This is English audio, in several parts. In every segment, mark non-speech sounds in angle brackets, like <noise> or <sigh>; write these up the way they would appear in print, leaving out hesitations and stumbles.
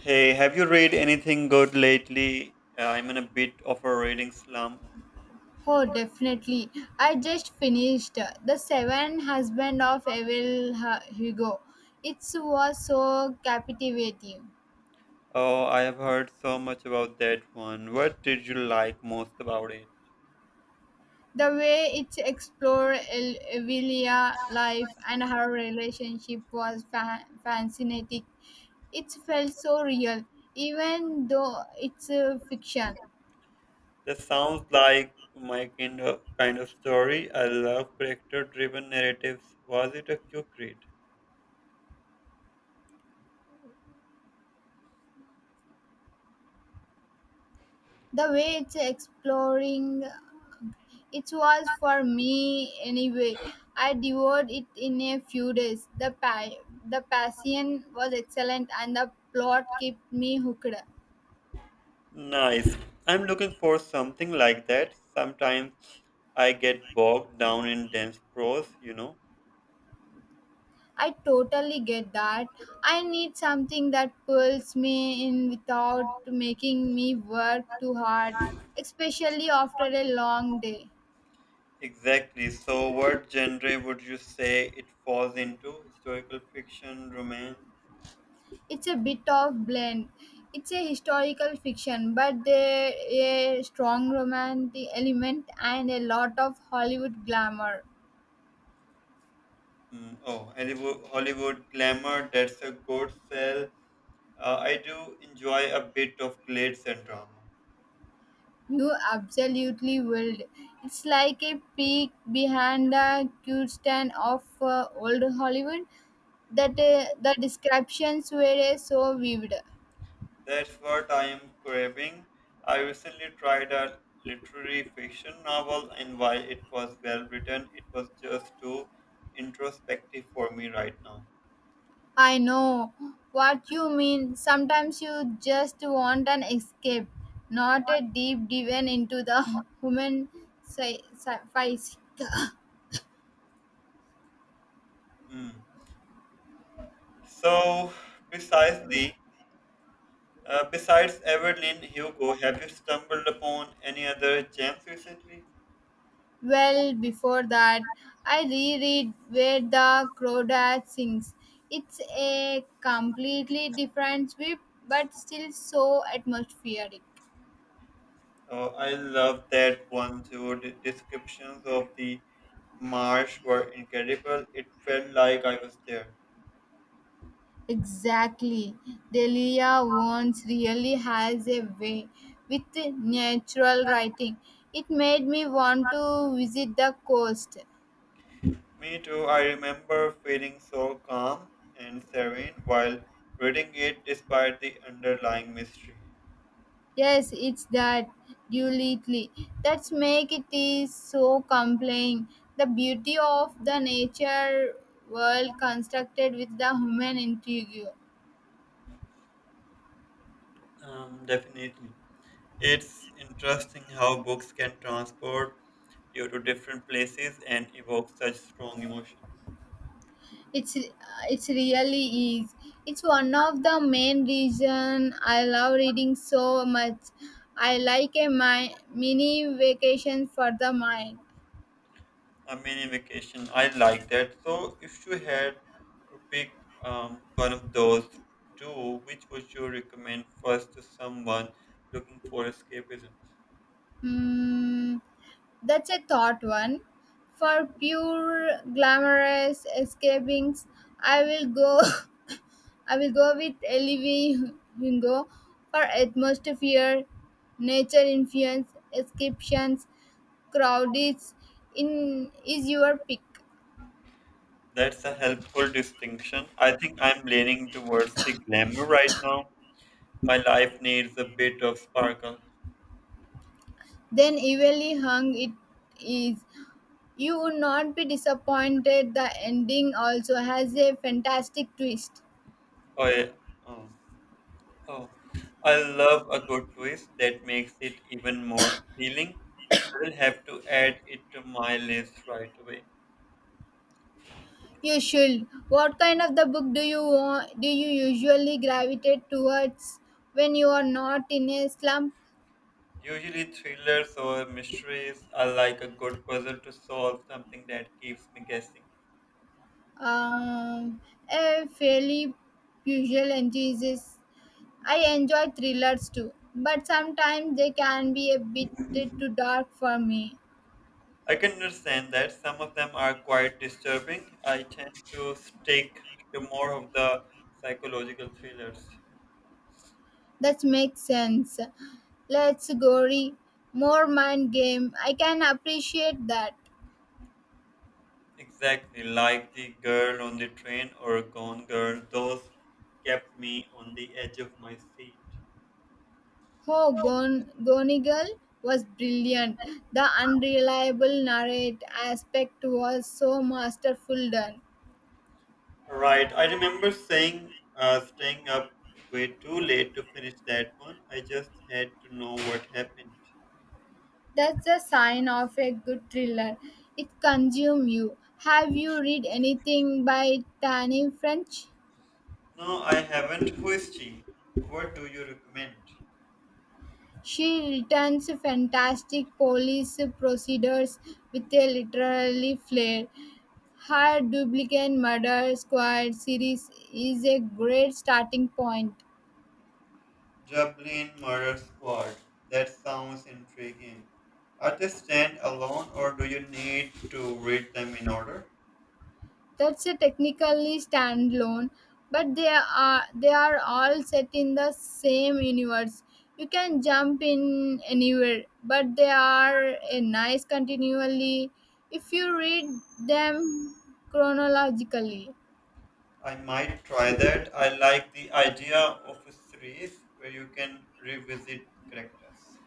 Hey, have you read anything good lately? I'm in a bit of a reading slump. Oh, definitely. I just finished The Seven Husband of Evil Hugo. It was so captivating. Oh, I have heard so much about that one. What did you like most about it? The way it explored Evelia life and her relationship was fascinating. It felt so real, even though it's fiction. That sounds like my kind of story. I love character-driven narratives. Was it a quick read? The way it's exploring it was for me anyway. I devoured it in a few days. The passion was excellent and the plot kept me hooked. Nice. I'm looking for something like that. Sometimes I get bogged down in dense prose. I totally get that. I need something that pulls me in without making me work too hard, especially after a long day. Exactly. So, what genre would you say it falls into? Historical fiction, romance? It's a bit of blend. It's a historical fiction, but there a strong romantic element and a lot of Hollywood glamour. Mm, oh, Hollywood glamour, that's a good sell. I do enjoy a bit of glitz and drama. You absolutely will. It's like a peek behind the curtain of old Hollywood that the descriptions were so vivid. That's what I am craving. I recently tried a literary fiction novel, and while it was well written, it was just too introspective for me right now. I know what you mean. Sometimes you just want an escape, not a deep dive into the <laughs> human psyche. <laughs> Mm. So, yeah, precisely. Besides Everlyn Hugo, have you stumbled upon any other gems recently? Well, before that, I reread Where the Crawdad Sings. It's a completely different sweep, but still so atmospheric. Oh, I love that one too. The descriptions of the marsh were incredible. It felt like I was there. Exactly. Delia Vance really has a way with natural writing. It made me want to visit the coast. Me too. I remember feeling so calm and serene while reading it despite the underlying mystery. Yes, it's that duality that's make it is so compelling. The beauty of the nature world constructed with the human intrigue. Definitely. It's interesting how books can transport you to different places and evoke such strong emotions. It's it's really is. It's one of the main reason I love reading so much. I like a mini vacation for the mind. A mini vacation. I like that. So, if you had to pick one of those two, which would you recommend first to someone looking for escapism? Hmm. That's a thought one. For pure glamorous escapings, I will go. <laughs> I will go with Ellie Wingo for atmosphere, nature influence, descriptions, crowded. In is your pick. That's a helpful distinction. I think I'm leaning towards the glamour right now. My life needs a bit of sparkle. Then evenly hung it is. You would not be disappointed. The ending also has a fantastic twist. Oh, yeah. Oh, oh. I love a good twist that makes it even more appealing. I will have to add it to my list right away. You should. What kind of the book do you want, do you usually gravitate towards when you are not in a slump? Usually, thrillers or mysteries are like a good puzzle to solve, something that keeps me guessing. Um, a fairly usual enthusiast. I enjoy thrillers too, but sometimes they can be a bit too dark for me. I can understand that some of them are quite disturbing. I tend to stick to more of the psychological thrillers. That makes sense. Let's gory, more mind game. I can appreciate that. Exactly, like The Girl on the Train or Gone Girl, those kept me on the edge of my seat. Oh, Gonigal was brilliant. The unreliable narrate aspect was so masterful done. Right, I remember saying, staying up way too late to finish that one. I just had to know what happened. That's the sign of a good thriller. It consumes you. Have you read anything by Tani French? No, I haven't. Who is she? What do you recommend? She returns fantastic police procedures with a literary flair. Her duplicate murder squad series is a great starting point. Dublin Murder Squad. That sounds intriguing. Are they stand alone or do you need to read them in order? That's a technically standalone, but they are all set in the same universe. You can jump in anywhere, but they are a nice continually if you read them chronologically. I might try that. I like the idea of a series where you can revisit characters.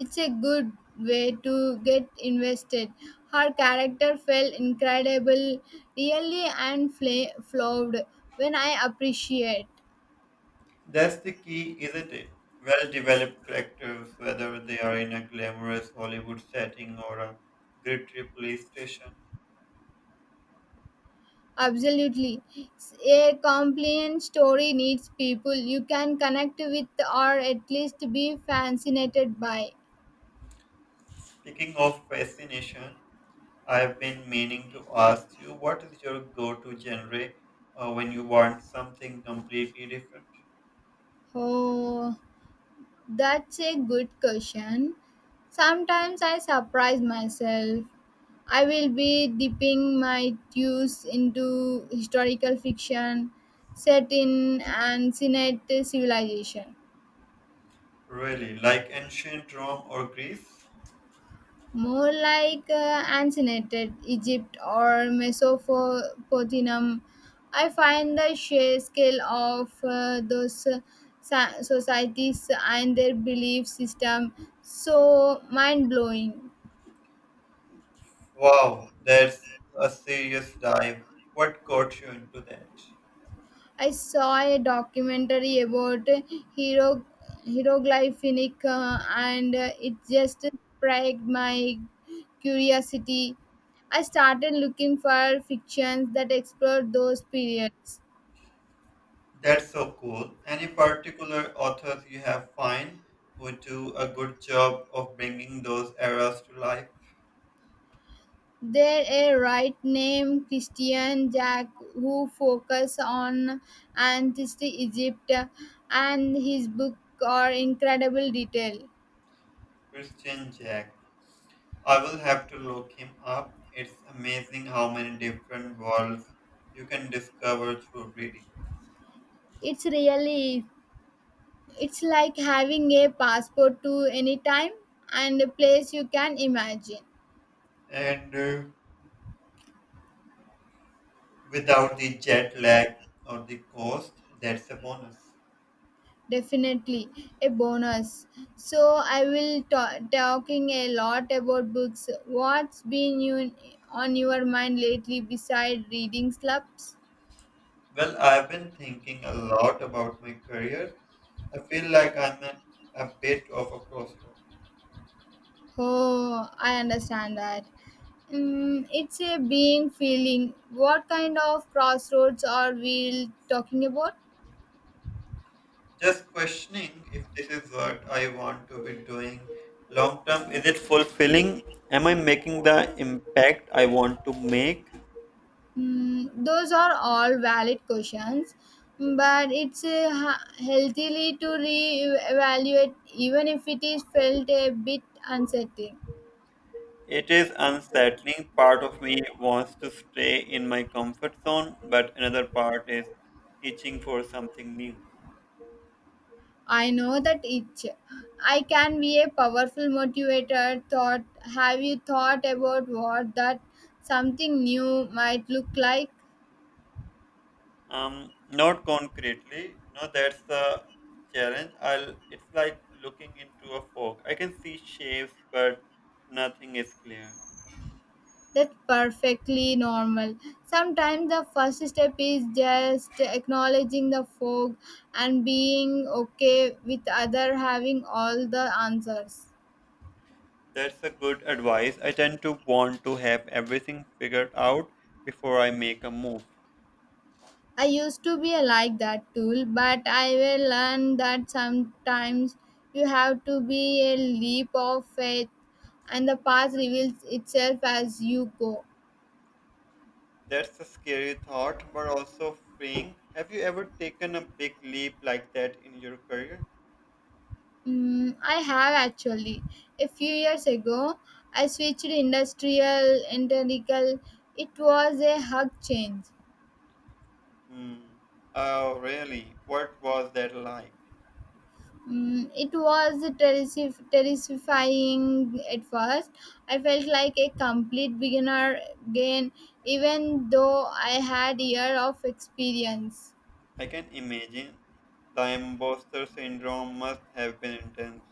It's a good way to get invested. Her character felt incredible, really and flawed when I appreciate. That's the key, isn't it? Well developed characters, whether they are in a glamorous Hollywood setting or a gritty police station. Absolutely. A compliant story needs people you can connect with or at least be fascinated by. Speaking of fascination, I've been meaning to ask you, what is your go-to genre when you want something completely different? Oh, that's a good question. Sometimes I surprise myself. I will be dipping my toes into historical fiction set in ancient civilization. Really, like ancient Rome or Greece? More like ancient Egypt or Mesopotamia. I find the sheer scale of those societies and their belief system so mind blowing. Wow, that's a serious dive. What got you into that? I saw a documentary about hero hieroglyphic and it just sparked my curiosity. I started looking for fictions that explored those periods. That's so cool. Any particular authors you have find who do a good job of bringing those eras to life? There a right named Christian Jack who focus on ancient Egypt, and his book are incredible detail. Christian Jack. I will have to look him up. It's amazing how many different worlds you can discover through reading. It's really, it's like having a passport to any time and a place you can imagine. And without the jet lag or the cost, that's a bonus. Definitely a bonus. So I will talking a lot about books. What's been you on your mind lately beside reading slumps? Well, I've been thinking a lot about my career. I feel like I'm at a bit of a crossroad. Oh, I understand that. Mm, it's a being feeling. What kind of crossroads are we talking about? Just questioning if this is what I want to be doing long term. Is it fulfilling? Am I making the impact I want to make? Mm, those are all valid questions, but it's healthily to re-evaluate even if it is felt a bit unsettling. It is unsettling. Part of me wants to stay in my comfort zone, but another part is itching for something new. I know that itch. I can be a powerful motivator. Thought. Have you thought about what that something new might look like? Not concretely. No, that's the challenge. I'll. It's like looking into a fog. I can see shapes, but nothing is clear. That's perfectly normal. Sometimes the first step is just acknowledging the fog and being okay with other having all the answers. That's a good advice. I tend to want to have everything figured out before I make a move. I used to be like that tool, but I will learn that sometimes you have to be a leap of faith and the path reveals itself as you go. That's a scary thought, but also freeing. Have you ever taken a big leap like that in your career? Mm, I have actually. A few years ago, I switched industrial, mechanical. It was a hug change. Hmm. Oh, really? What was that like? Mm, it was terrifying at first. I felt like a complete beginner again, even though I had year of experience. I can imagine. The imposter syndrome must have been intense.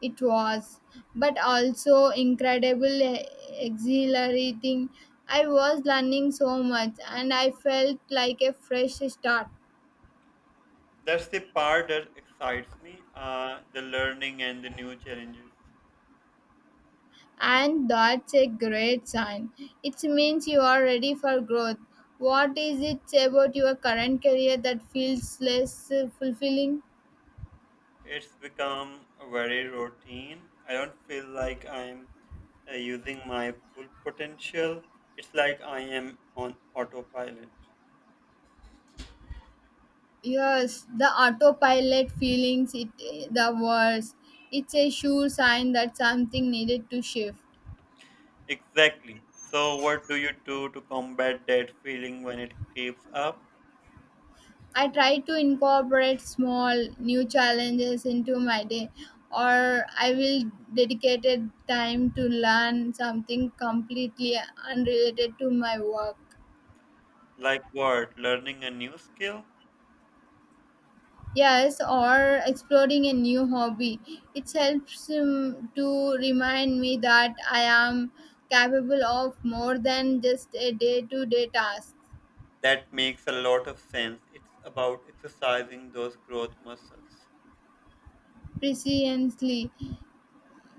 It was, but also incredible, exhilarating. I was learning so much, and I felt like a fresh start. That's the part that excites me, the learning and the new challenges. And that's a great sign. It means you are ready for growth. What is it about your current career that feels less fulfilling? It's become very routine. I don't feel like I'm using my full potential. It's like I am on autopilot. Yes, the autopilot feelings, it, the worst. It's a sure sign that something needed to shift. Exactly. So, what do you do to combat that feeling when it creeps up? I try to incorporate small new challenges into my day, or I will dedicate time to learn something completely unrelated to my work. Like what? Learning a new skill? Yes, or exploring a new hobby. It helps to remind me that I am capable of more than just a day-to-day task. That makes a lot of sense. It's about exercising those growth muscles. Precisely.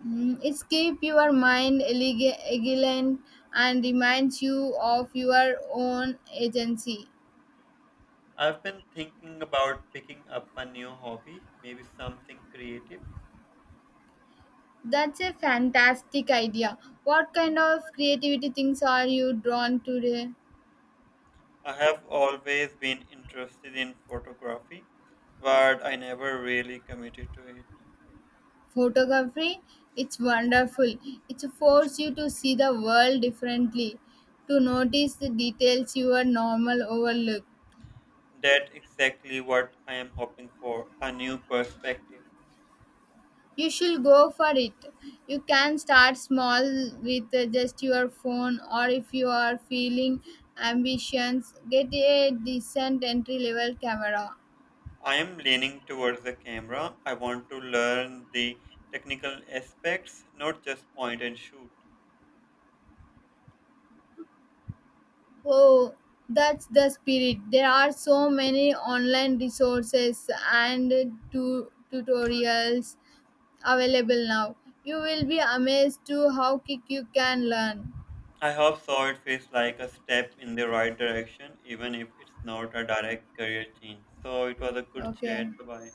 Mm, it's keep your mind vigilant and reminds you of your own agency. I've been thinking about picking up a new hobby, maybe something creative. That's a fantastic idea. What kind of creativity things are you drawn to? I have always been interested in photography, but I never really committed to it. Photography, it's wonderful. It forces you to see the world differently, to notice the details you are normal overlook. That's exactly what I am hoping for, a new perspective. You should go for it. You can start small with just your phone, or if you are feeling ambitions, get a decent entry level camera. I am leaning towards the camera. I want to learn the technical aspects, not just point and shoot. Oh, that's the spirit. There are so many online resources and tutorials available now. You will be amazed to how quick you can learn. I hope so. It feels like a step in the right direction, even if it's not a direct career change. So it was a good Okay. chat. Bye bye.